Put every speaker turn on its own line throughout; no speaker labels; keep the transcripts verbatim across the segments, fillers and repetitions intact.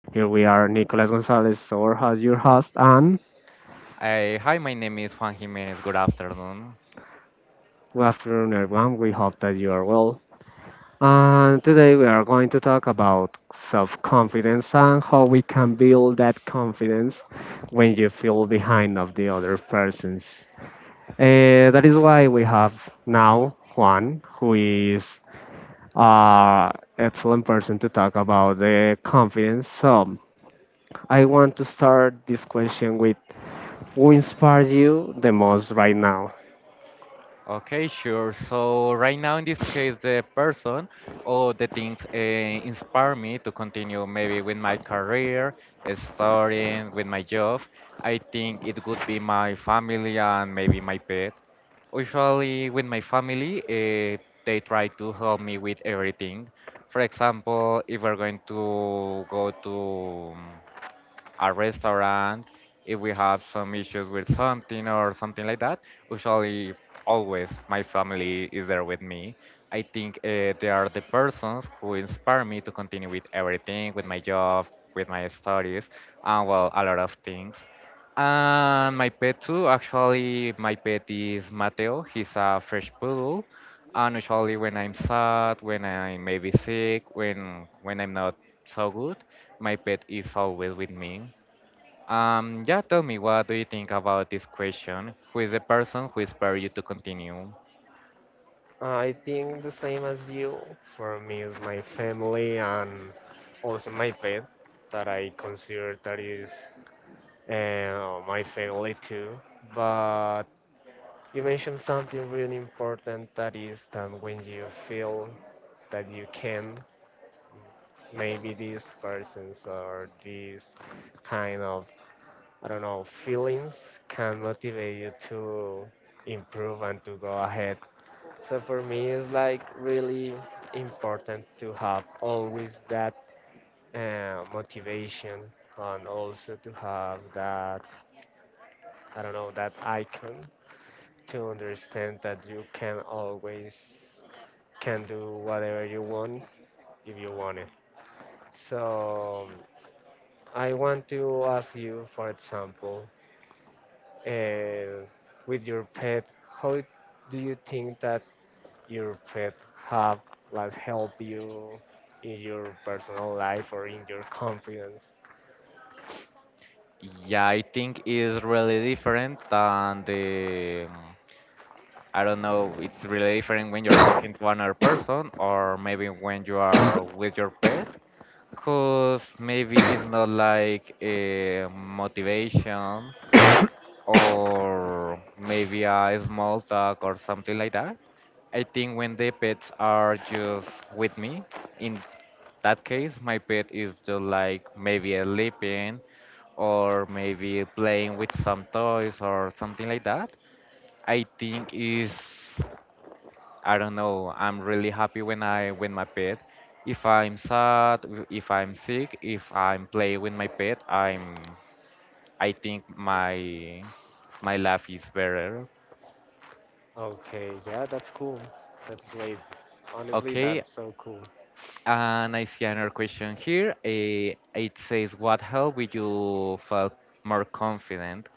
Here we are, Nicolas Gonzalez, our host, your host, and
Uh, hi, my name is Juan Jimenez. Good afternoon.
good afternoon, everyone. We hope that you are well. And today we are going to talk about self confidence and how we can build that confidence when you feel behind of the other persons. Uh, that is why we have now Juan, who is an excellent person to talk about the confidence. So, I want to start this question with who inspires you the most right now?
Okay, sure. So right now, in this case, the person or the things uh, inspire me to continue maybe with my career, uh, starting with my job. I think it would be my family and maybe my pet. Usually, with my family, uh, they try to help me with everything. For example, if we're going to go to um, a restaurant, if we have some issues with something or something like that, usually always my family is there with me. I think uh, they are the persons who inspire me to continue with everything, with my job, with my studies, and well, a lot of things. And my pet too. Actually, my pet is Mateo. He's a French poodle. And usually, when I'm sad, when I'm maybe sick, when when I'm not so good, my pet is always with me. Um, yeah, tell me, what do you think about this question? Who is the person who inspired you to continue?
I think the same as you. For me, is my family and also my pet that I consider that is uh, my family too. But you mentioned something really important that is that when you feel that you can, maybe these persons or these kind of I don't know, feelings can motivate you to improve and to go ahead. So for me, it's like really important to have always that uh, motivation and also to have that, I don't know, that icon to understand that you can always can do whatever you want if you want it. So I want to ask you, for example, uh, with your pet, how do you think that your pet have like help you in your personal life or in your confidence?
Yeah, I think it's really different than the, um, I don't know, it's really different when you're talking to another person or maybe when you are with your pet. Because maybe it's not like a motivation or maybe a small talk or something like that. I think when the pets are just with me, in that case, my pet is just like maybe sleeping or maybe playing with some toys or something like that. I think is I don't know. I'm really happy when I when my pet. If I'm sad, if I'm sick, if I'm playing with my pet, I'm I think my my life is better.
Okay, yeah, that's cool. That's great. Honestly,
Okay,
that's so cool.
and I see another question here. Eh, it says, "What helped you felt more confident?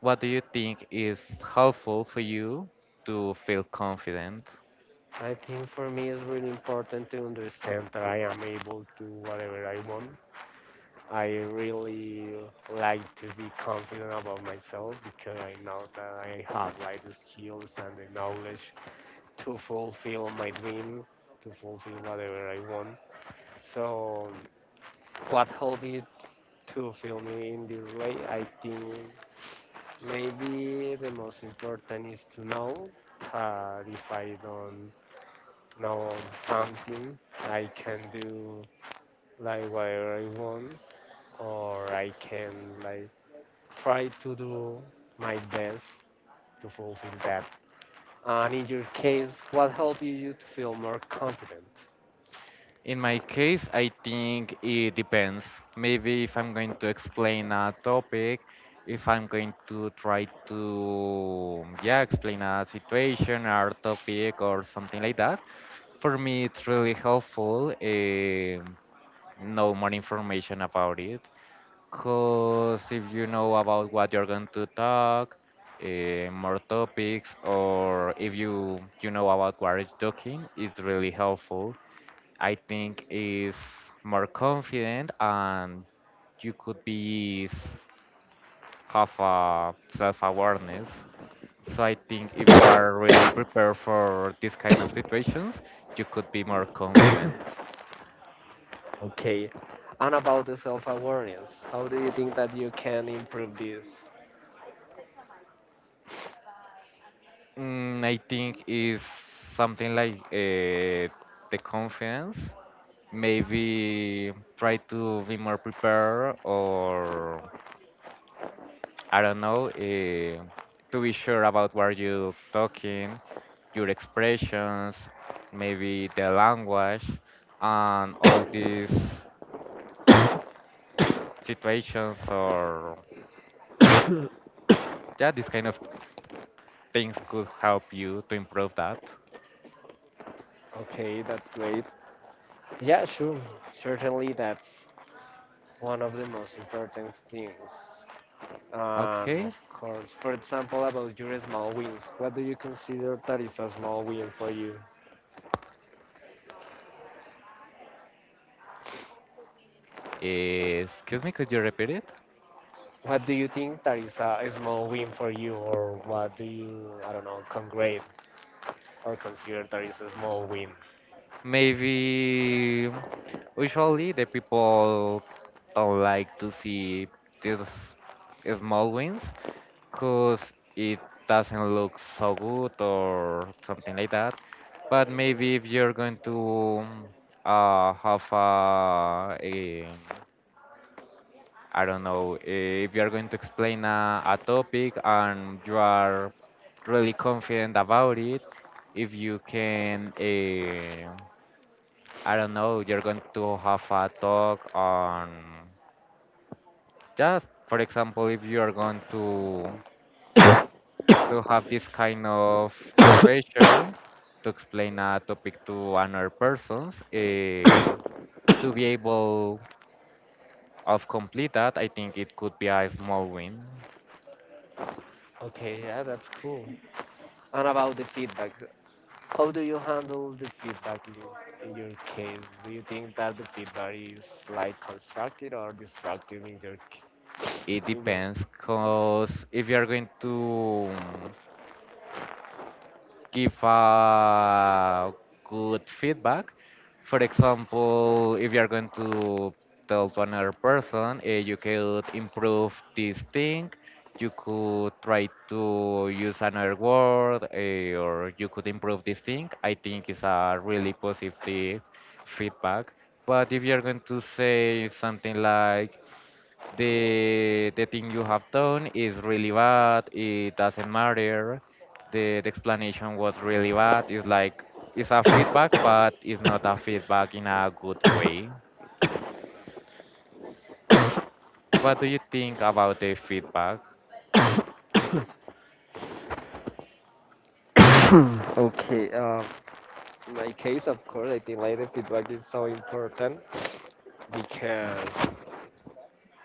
What do you think is helpful for you to feel confident?"
I think for me it's really important to understand that I am able to whatever I want. I really like to be confident about myself because I know that I have like the skills and the knowledge to fulfill my dream, to fulfill whatever I want. So, what helped me to feel me in this way? I think maybe the most important is to know that if I don't know something, I can do like whatever I want, or I can like try to do my best to fulfill that. And in your case, what helped you to feel more confident?
In my case, I think it depends. Maybe if I'm going to explain a topic, if I'm going to try to, yeah, explain a situation or topic or something like that, for me it's really helpful um know more information about it. Because if you know about what you're going to talk, uh, more topics, or if you you know about what you're talking, it's really helpful I think is more confident and you could be s- have a self-awareness. So I think if you are really prepared for this kind of situations, you could be more confident.
Okay. And about the self awareness, how do you think that you can improve this?
Mm, I think is something like uh, the confidence. Maybe try to be more prepared, or I don't know, uh, to be sure about what you're talking your expressions, maybe the language, and all these situations or yeah, these kind of things could help you to improve that.
Okay, that's great. Yeah, sure. Certainly, that's one of the most important things. And
Okay.
of course, for example, about your small wins, what do you consider that is a small win for you?
Eh, excuse me, could you repeat it?
What do you think that is a a small win for you, or what do you, I don't know, congrade or consider that is a small win?
Maybe usually the people don't like to see these small wins because it doesn't look so good or something like that. But maybe if you're going to um, uh, have a, a I don't know, if you're going to explain a, a topic and you are really confident about it, if you can, uh, I don't know, you're going to have a talk on just, for example, if you are going to to have this kind of situation to explain a topic to another persons eh, to be able of complete that. I think it could be a small win.
Okay, yeah, that's cool. And about the feedback, how do you handle the feedback in, in your case? Do you think that the feedback is like constructive or destructive in your c-
It
in your
depends because if you're going to um, give a good feedback. For example, if you are going to tell to another person, eh, you could improve this thing. You could try to use another word, eh, or you could improve this thing. I think it's a really positive feedback. But if you're going to say something like, the the thing you have done is really bad, it doesn't matter, the, the explanation was really bad. It's like it's a feedback but it's not a feedback in a good way. What do you think about the feedback?
Okay, um, in my case, of course, I think like the feedback is so important because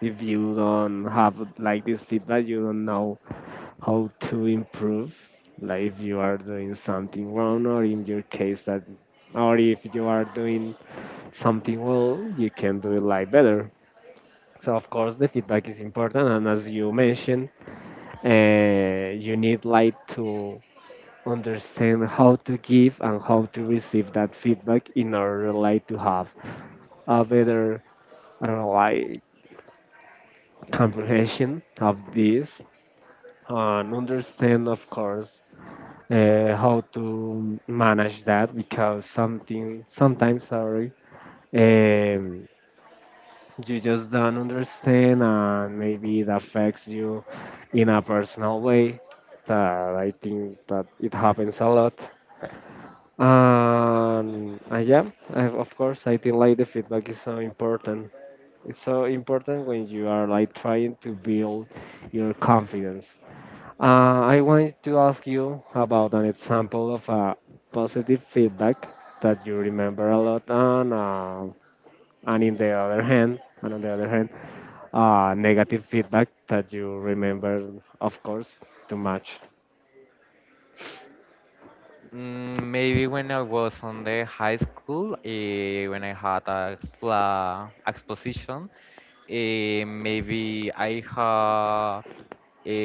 if you don't have like this feedback, you don't know how to improve. Like if you are doing something wrong, or in your case that, or if you are doing something well, you can do it like better. So of course the feedback is important, and as you mentioned, uh, you need like to understand how to give and how to receive that feedback in order like to have a better, I don't know, like comprehension of this, and understand of course uh, how to manage that because something sometimes sorry. Um, you just don't understand and maybe it affects you in a personal way that I think that it happens a lot and, and yeah I, of course I think like the feedback is so important. It's so important when you are like trying to build your confidence. uh, I want to ask you about an example of a positive feedback that you remember a lot and uh, and in the other hand and on the other hand uh, negative feedback that you remember, of course, too much.
Mm, maybe when I was on the high school, eh, when I had a expla exposition, eh, maybe I had a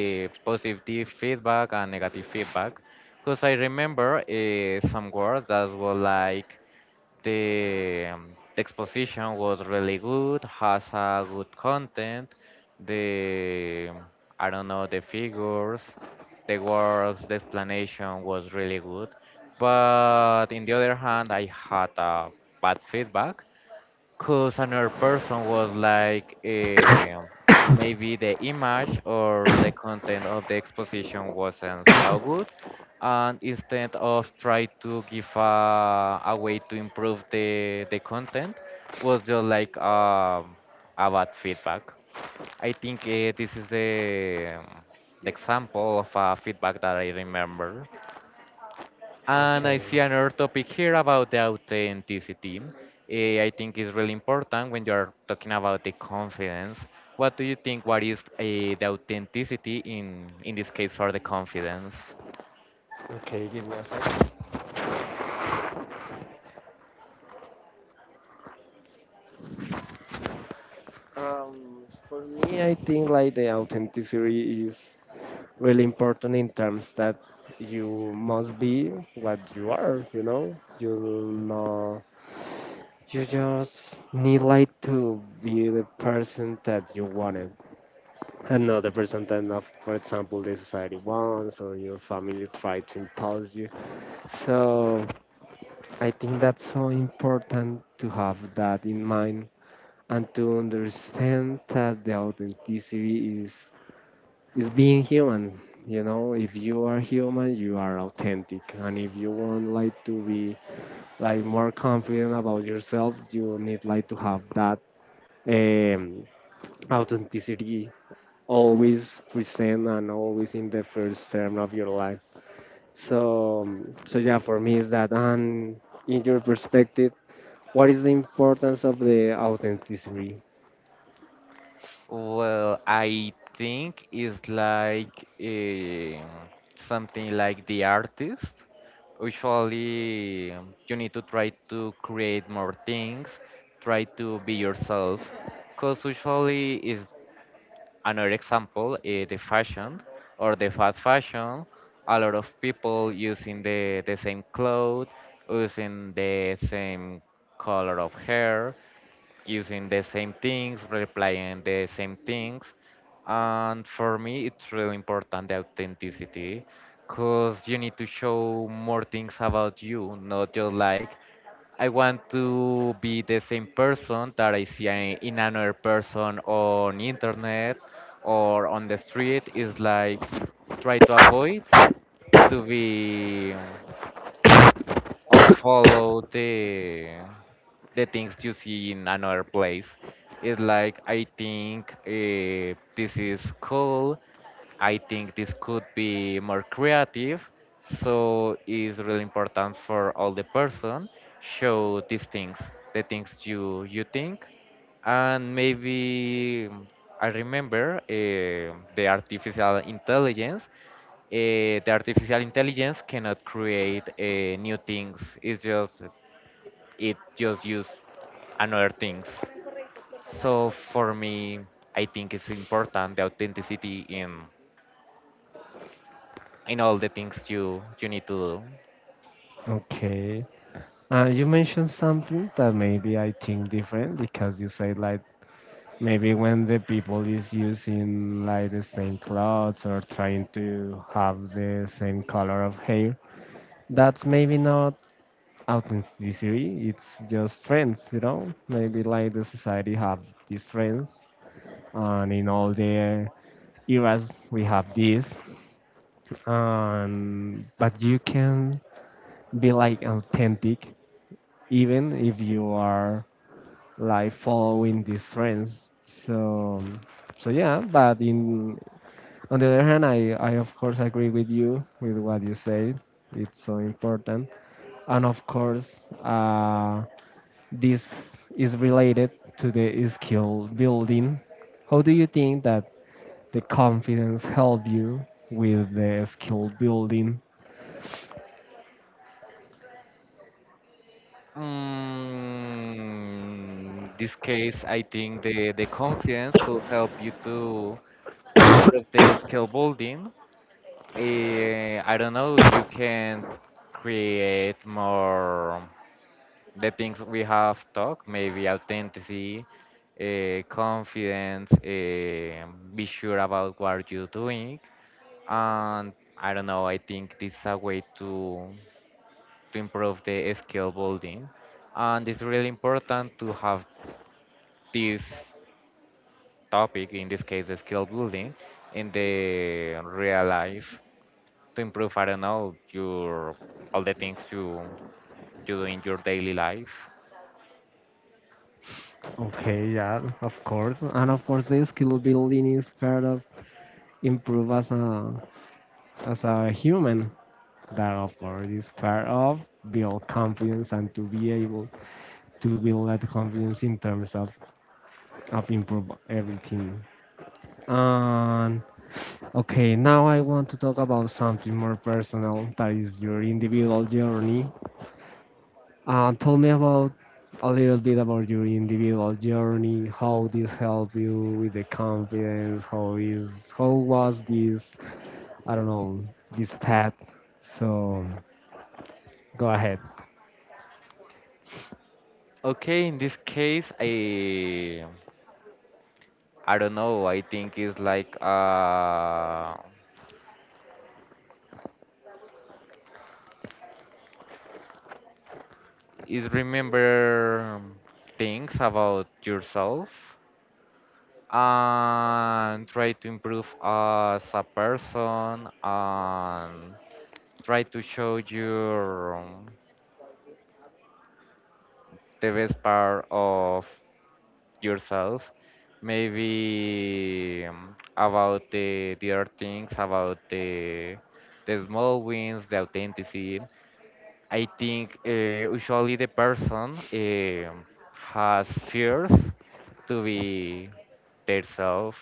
positive feedback and negative feedback, because I remember eh, some words that were like the um, the exposition was really good, has a good content, the I don't know the figures the words, the explanation was really good. But in the other hand, I had a bad feedback because another person was like, eh, maybe the image or the content of the exposition wasn't so good. And instead of try to give a, a way to improve the, the content, was just like um, a bad feedback. I think uh, this is the, um, the example of a feedback that I remember. And I
Okay,
see another topic here about the authenticity. Eh, I think is really important when you're talking about the confidence. What do you think? What is uh, the authenticity in in this case for the confidence?
okay, give me a second. Um, for me, I think like the authenticity is really important in terms that you must be what you are, you know? You know, you just need like to be the person that you wanted and not the person that, not, for example, the society wants or your family try to impose you. So I think that's so important to have that in mind and to understand that the authenticity is is being human. You know, if you are human, you are authentic, and if you want like to be like more confident about yourself, you need like to have that um, authenticity always present and always in the first term of your life. So, um, so yeah, for me is that. And in your perspective, what is the importance of the authenticity?
Well, I think it's like um something like the artist. Usually, um, you need to try to create more things, try to be yourself. Because usually, is another example, eh, the fashion or the fast fashion. A lot of people using the, the same clothes, using the same color of hair using the same things, replying the same things. And for me, it's really important the authenticity because you need to show more things about you, not just like I want to be the same person that I see a- in another person on internet or on the street. Is like try to avoid to be or follow the the things you see in another place. It's like I think uh, this is cool. I think this could be more creative. So it's really important for all the person show these things, the things you you think, and maybe I remember eh, the artificial intelligence uh, the artificial intelligence cannot create uh, new things. It's just it just use another things. So for me, I think it's important the authenticity in in all the things you you need to do.
Okay. Uh, you mentioned something that maybe I think different because you say like maybe when the people is using like the same clothes or trying to have the same color of hair, that's maybe not authenticity. It's just trends, you know. Maybe like the society have these trends, and in all the eras we have this. And but you can be like authentic even if you are like following these trends. So so yeah, but in on the other hand i i of course agree with you with what you said. It's so important, and of course uh this is related to the skill building. How do you think that the confidence help you with the skill building?
Mm, this case, I think the the confidence could help you to to improve the skill building. Eh, I don't know if you can create more. The things we have talked, maybe authenticity, uh, confidence, uh, be sure about what you're doing. And I don't know, I think this is a way to, to improve the skill building. And it's really important to have this topic, in this case, the skill building, in the real life to improve, I don't know, your all the things you, you do in your daily life.
Okay, yeah, of course, and of course the skill building is part of improve as a as a human. That of course is part of build confidence and to be able to build that confidence in terms of of improve everything. And okay, now I want to talk about something more personal that is your individual journey. Uh, tell me about a little bit about your individual journey. How this help you with the confidence? How is how was this? I don't know this path. So go ahead.
Okay, in this case, I I don't know. I think it's like uh, is remember things about yourself and try to improve as a person and try to show your the best part of yourself. Maybe um, about the the other things about the the small wins, the authenticity. I think uh, usually the person um has fears to be themselves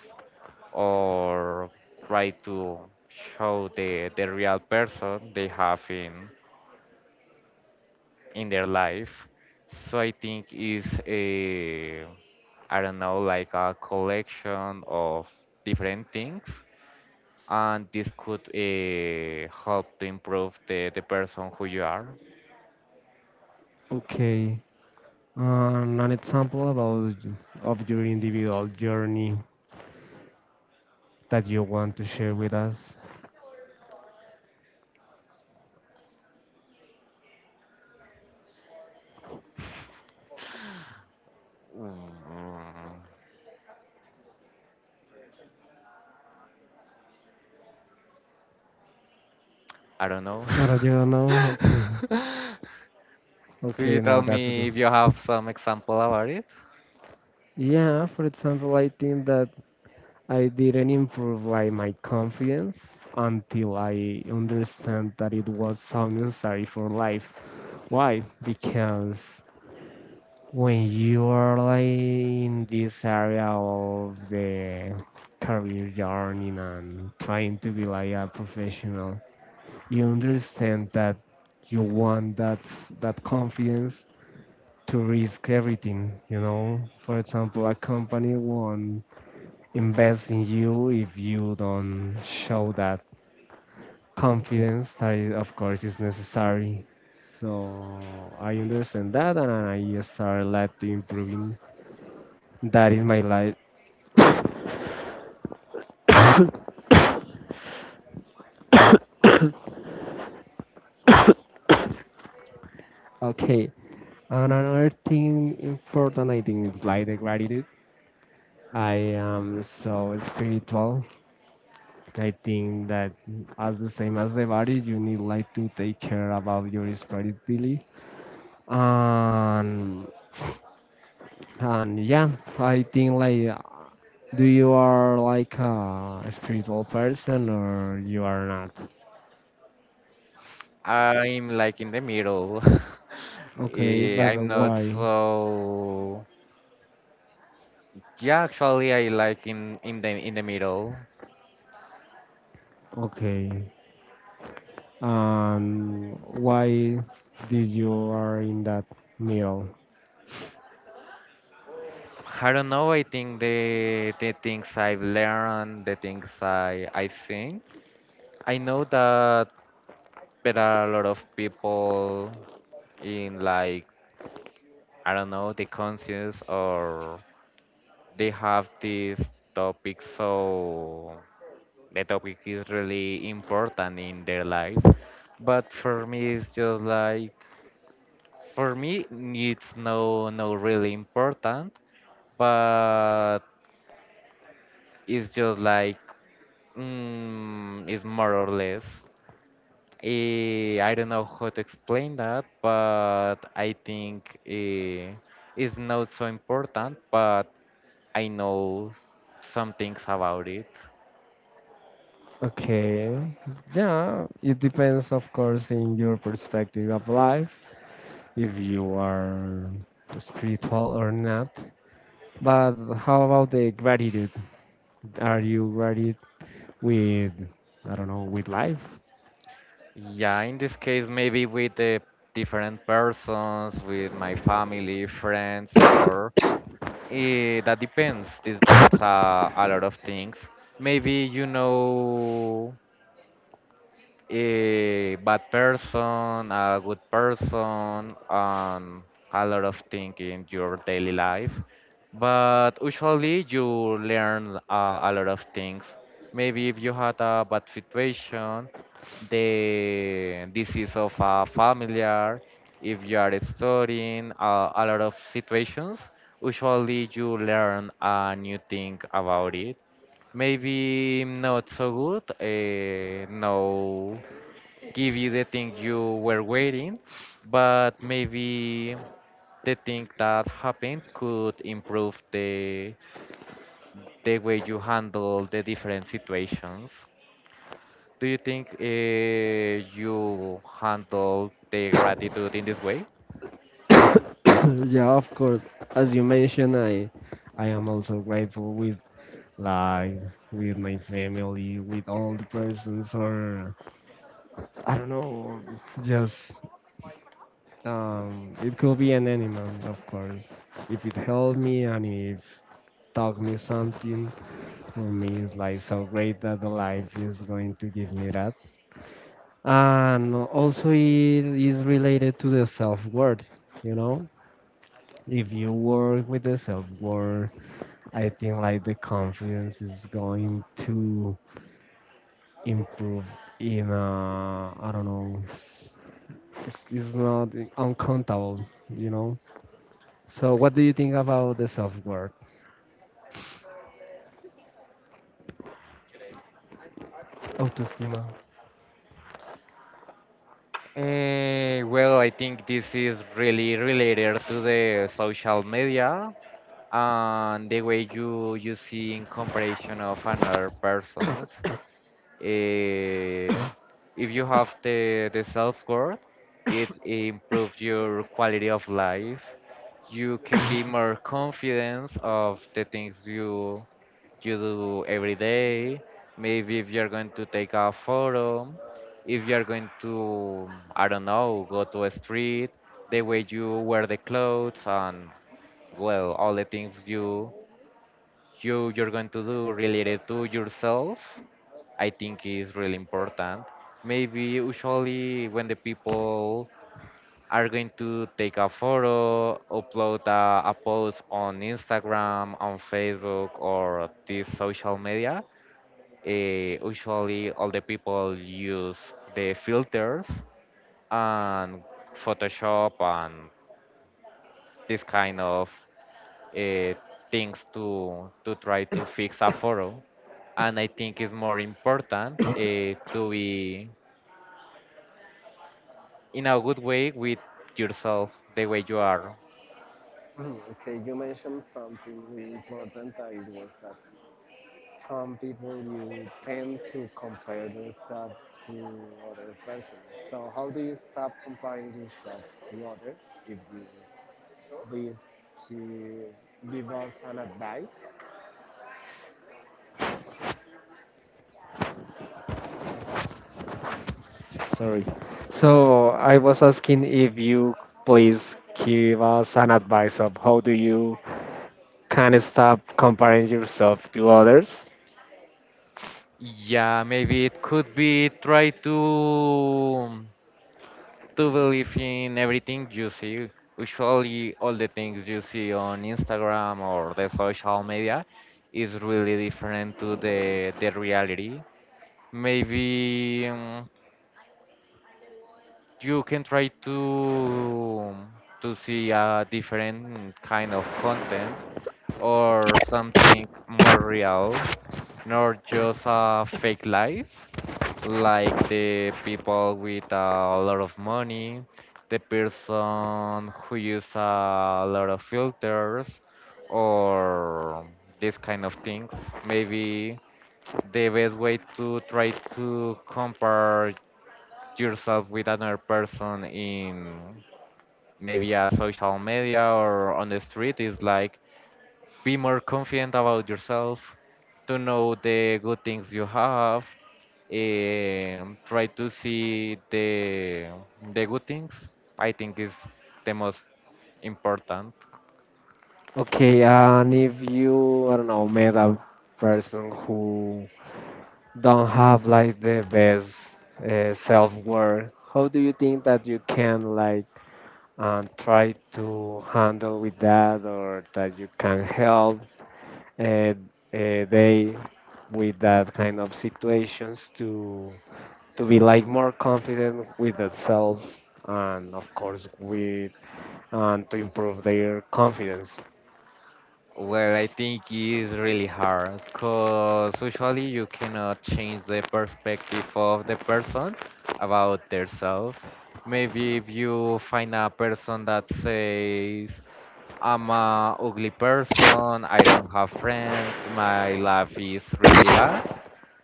or try to show the, the real person they have in in their life. So I think is a I don't know like a collection of different things, and this could uh, help to improve the the person who you are.
Okay. Um, an example about of your individual journey that you want to share with us.
Mm, I don't know.
I don't know. Okay.
Could you
Okay. Now
tell
that's
me
good.
if you have some example about it?
Yeah. For example, I think that I didn't improve like my confidence until I understand that it was so necessary for life. Why? Because when you are like in this area of the career journey and trying to be like a professional, you understand that you want that that confidence to risk everything. You know, for example, a company won't invest in you if you don't show that confidence that is, of course is necessary. So I understand that and I started like improving. That is my life. Okay. And another thing important, I think, is like the gratitude. I am so spiritual. I think that as the same as the body, you need like to take care about your spirituality. And and yeah, I think like uh, do you are like a spiritual person or you are not?
I'm like in the middle.
Okay,
Eh,
but
I'm not
why?
so. Yeah, actually, I like in in the in the middle.
Okay, and why did you are in that middle?
I don't know. I think the the things I've learned, the things I I've seen. I know that there are a lot of people in like I don't know the conscious or they have this topic so the topic is really important in their life but for me it's just like for me it's no no really important but it's just like mm, it's more or less eh, I don't know how to explain that but I think eh, it's not so important but I know some things about it.
Okay, yeah, it depends, of course, in your perspective of life, if you are spiritual or not. But how about the gratitude? Are you gratitude with, I don't know, with life?
Yeah, in this case, maybe with the different persons, with my family, friends, or eh, that depends. Depends uh, a lot of things. Maybe you know a bad person, a good person, and a lot of things in your daily life. But usually you learn uh, a lot of things. Maybe if you had a bad situation, the disease of a familiar, if you are studying uh, a lot of situations, usually you learn a new thing about it maybe not so good. Uh, no, give you the thing you were waiting, but maybe the thing that happened could improve the the way you handle the different situations. Do you think uh, you handle the gratitude in this way?
Yeah, of course. As you mentioned, I, I am also grateful with life, with my family, with all the persons or I don't know, just um, it could be an animal, of course. If it helped me and if taught me something, for me it's like so great that the life is going to give me that. And also it is related to the self-worth, you know? If you work with the self-worth, I think like the confidence is going to improve in uh, I don't know, it's, it's it's not uncountable, you know? So, what do you think about the self worth, autoestima?
Eh, well, I think this is really related to the social media and the way you you see in comparison of another persons. eh, if you have the, the self-worth, it improves your quality of life. You can be more confident of the things you you do every day. Maybe if you're going to take a photo, if you're going to, I don't know, go to a street, the way you wear the clothes and, well, all the things you you you're going to do related to yourself I think is really important. Maybe usually when the people are going to take a photo, upload a, a post on Instagram, on Facebook or this social media, eh, usually all the people use the filters and Photoshop and this kind of uh, things to to try to fix a photo. And I think it's more important, uh, to be in a good way with yourself, the way you are.
Mm, okay, you mentioned something really important that it was that some people you tend to compare themselves to other persons. So how do you stop comparing yourself to others? If you please give give us an advice. Sorry. So, I was asking if you please give us an advice of how do you can stop comparing yourself to others.
Yeah, maybe it could be try to to believe in everything you see. Usually all the things you see on Instagram or the social media is really different to the the reality. Maybe um, you can try to to see a different kind of content or something more real, not just a fake life like the people with a lot of money, the person who use a lot of filters or this kind of things. Maybe the best way to try to compare yourself with another person in maybe a social media or on the street is like be more confident about yourself, to know the good things you have and try to see the the good things. I think is the most important.
Okay, and if you, I don't know, met a person who don't have like the best uh, self-worth, how do you think that you can like um, try to handle with that, or that you can help uh, uh, they with that kind of situations to to be like more confident with themselves, and of course with and to improve their confidence?
Well, I think is really hard because usually you cannot change the perspective of the person about their self. Maybe if you find a person that says, I'm a ugly person. I don't have friends. My life is really bad.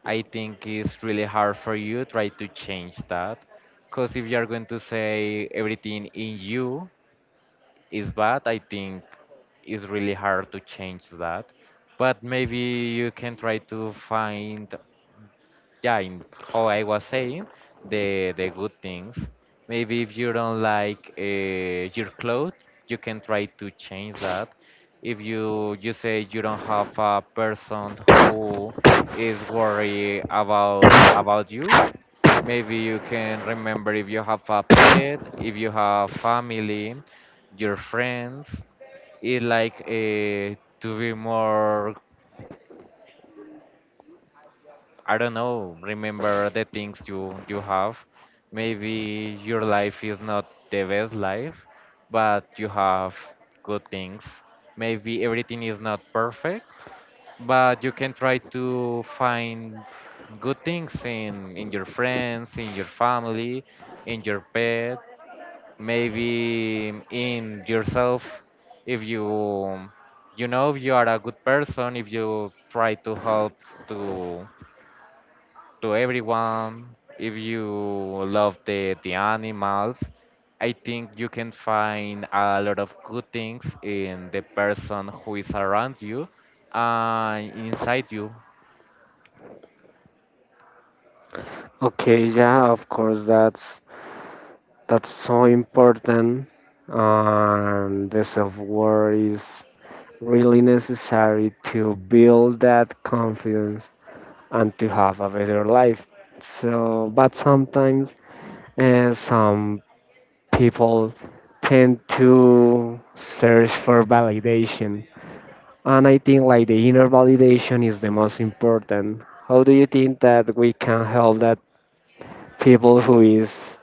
I think it's really hard for you try to change that. Because if you're going to say everything in you is bad, I think it's really hard to change that. But maybe you can try to find, yeah, in how I was saying, the the good things. Maybe if you don't like uh, your clothes, you can try to change that. If you you say you don't have a person who is worried about about you, maybe you can remember if you have a pet, if you have family, your friends. It's like, uh, to be more, I don't know, remember the things you you have. Maybe your life is not the best life, but you have good things. Maybe everything is not perfect, but you can try to find good things in in your friends, in your family, in your pet, maybe in yourself if you, you know, if you are a good person, if you try to help to to everyone. If you love the, the animals, I think you can find a lot of good things in the person who is around you and inside you.
Okay, yeah, of course, that's that's so important. Um, the self worth is really necessary to build that confidence and to have a better life. So, but sometimes uh, some people tend to search for validation, and I think like the inner validation is the most important. How do you think that we can help that people who is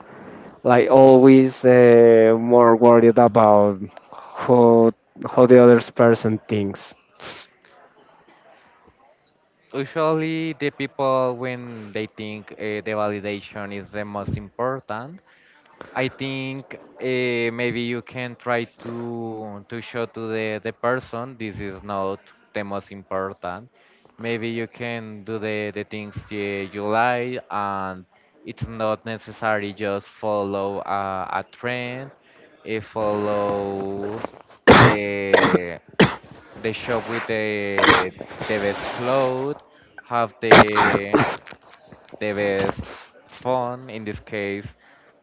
like always uh, more worried about how how the other person thinks.
Usually, the people, when they think, uh, the validation is the most important, I think, uh, maybe you can try to to show to the the person this is not the most important. Maybe you can do the the things you, you like, and it's not necessary just follow a, a trend, uh, follow the the shop with the the best clothes, have the the best fun in this case.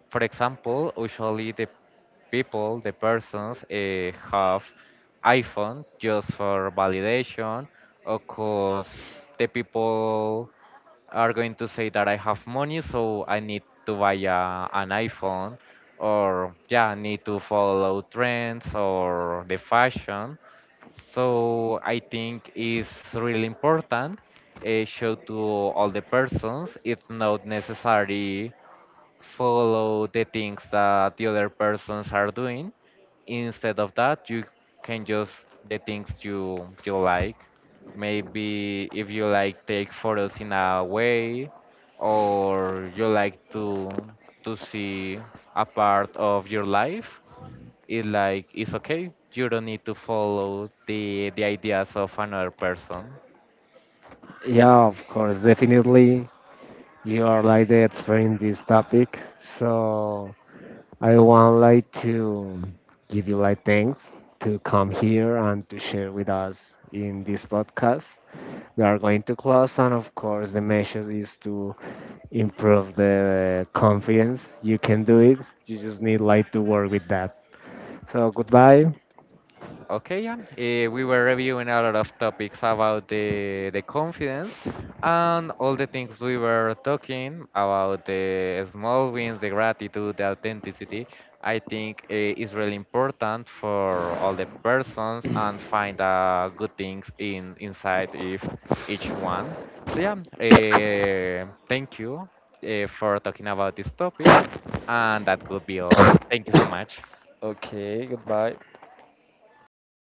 For example, usually the people, the persons, uh, have iPhone just for validation. Of course, the people are going to say that I have money, so I need to buy a, an iPhone, or yeah, I need to follow trends or the fashion. So I think it's really important, uh, show to all the persons, it's not necessary follow the things that the other persons are doing. Instead of that, you can just the things you you like. Maybe if you like take photos in a way, or you like to to see a part of your life, it's like it's okay, you don't need to follow the the ideas of another person.
Yeah, of course, definitely you are like the expert in this topic, so I want like to give you like thanks to come here and to share with us in this podcast. We are going to class, and of course, the message is to improve the confidence. You can do it. You just need like to work with that. So goodbye.
Okay, yeah. Eh, we were reviewing a lot of topics about the the confidence and all the things we were talking about, the small wins, the gratitude, the authenticity. I think, eh, is really important for all the persons and find, uh, good things in inside if each one. So yeah, eh, thank you, eh, for talking about this topic, and that could be all. Thank you so much.
Okay, goodbye.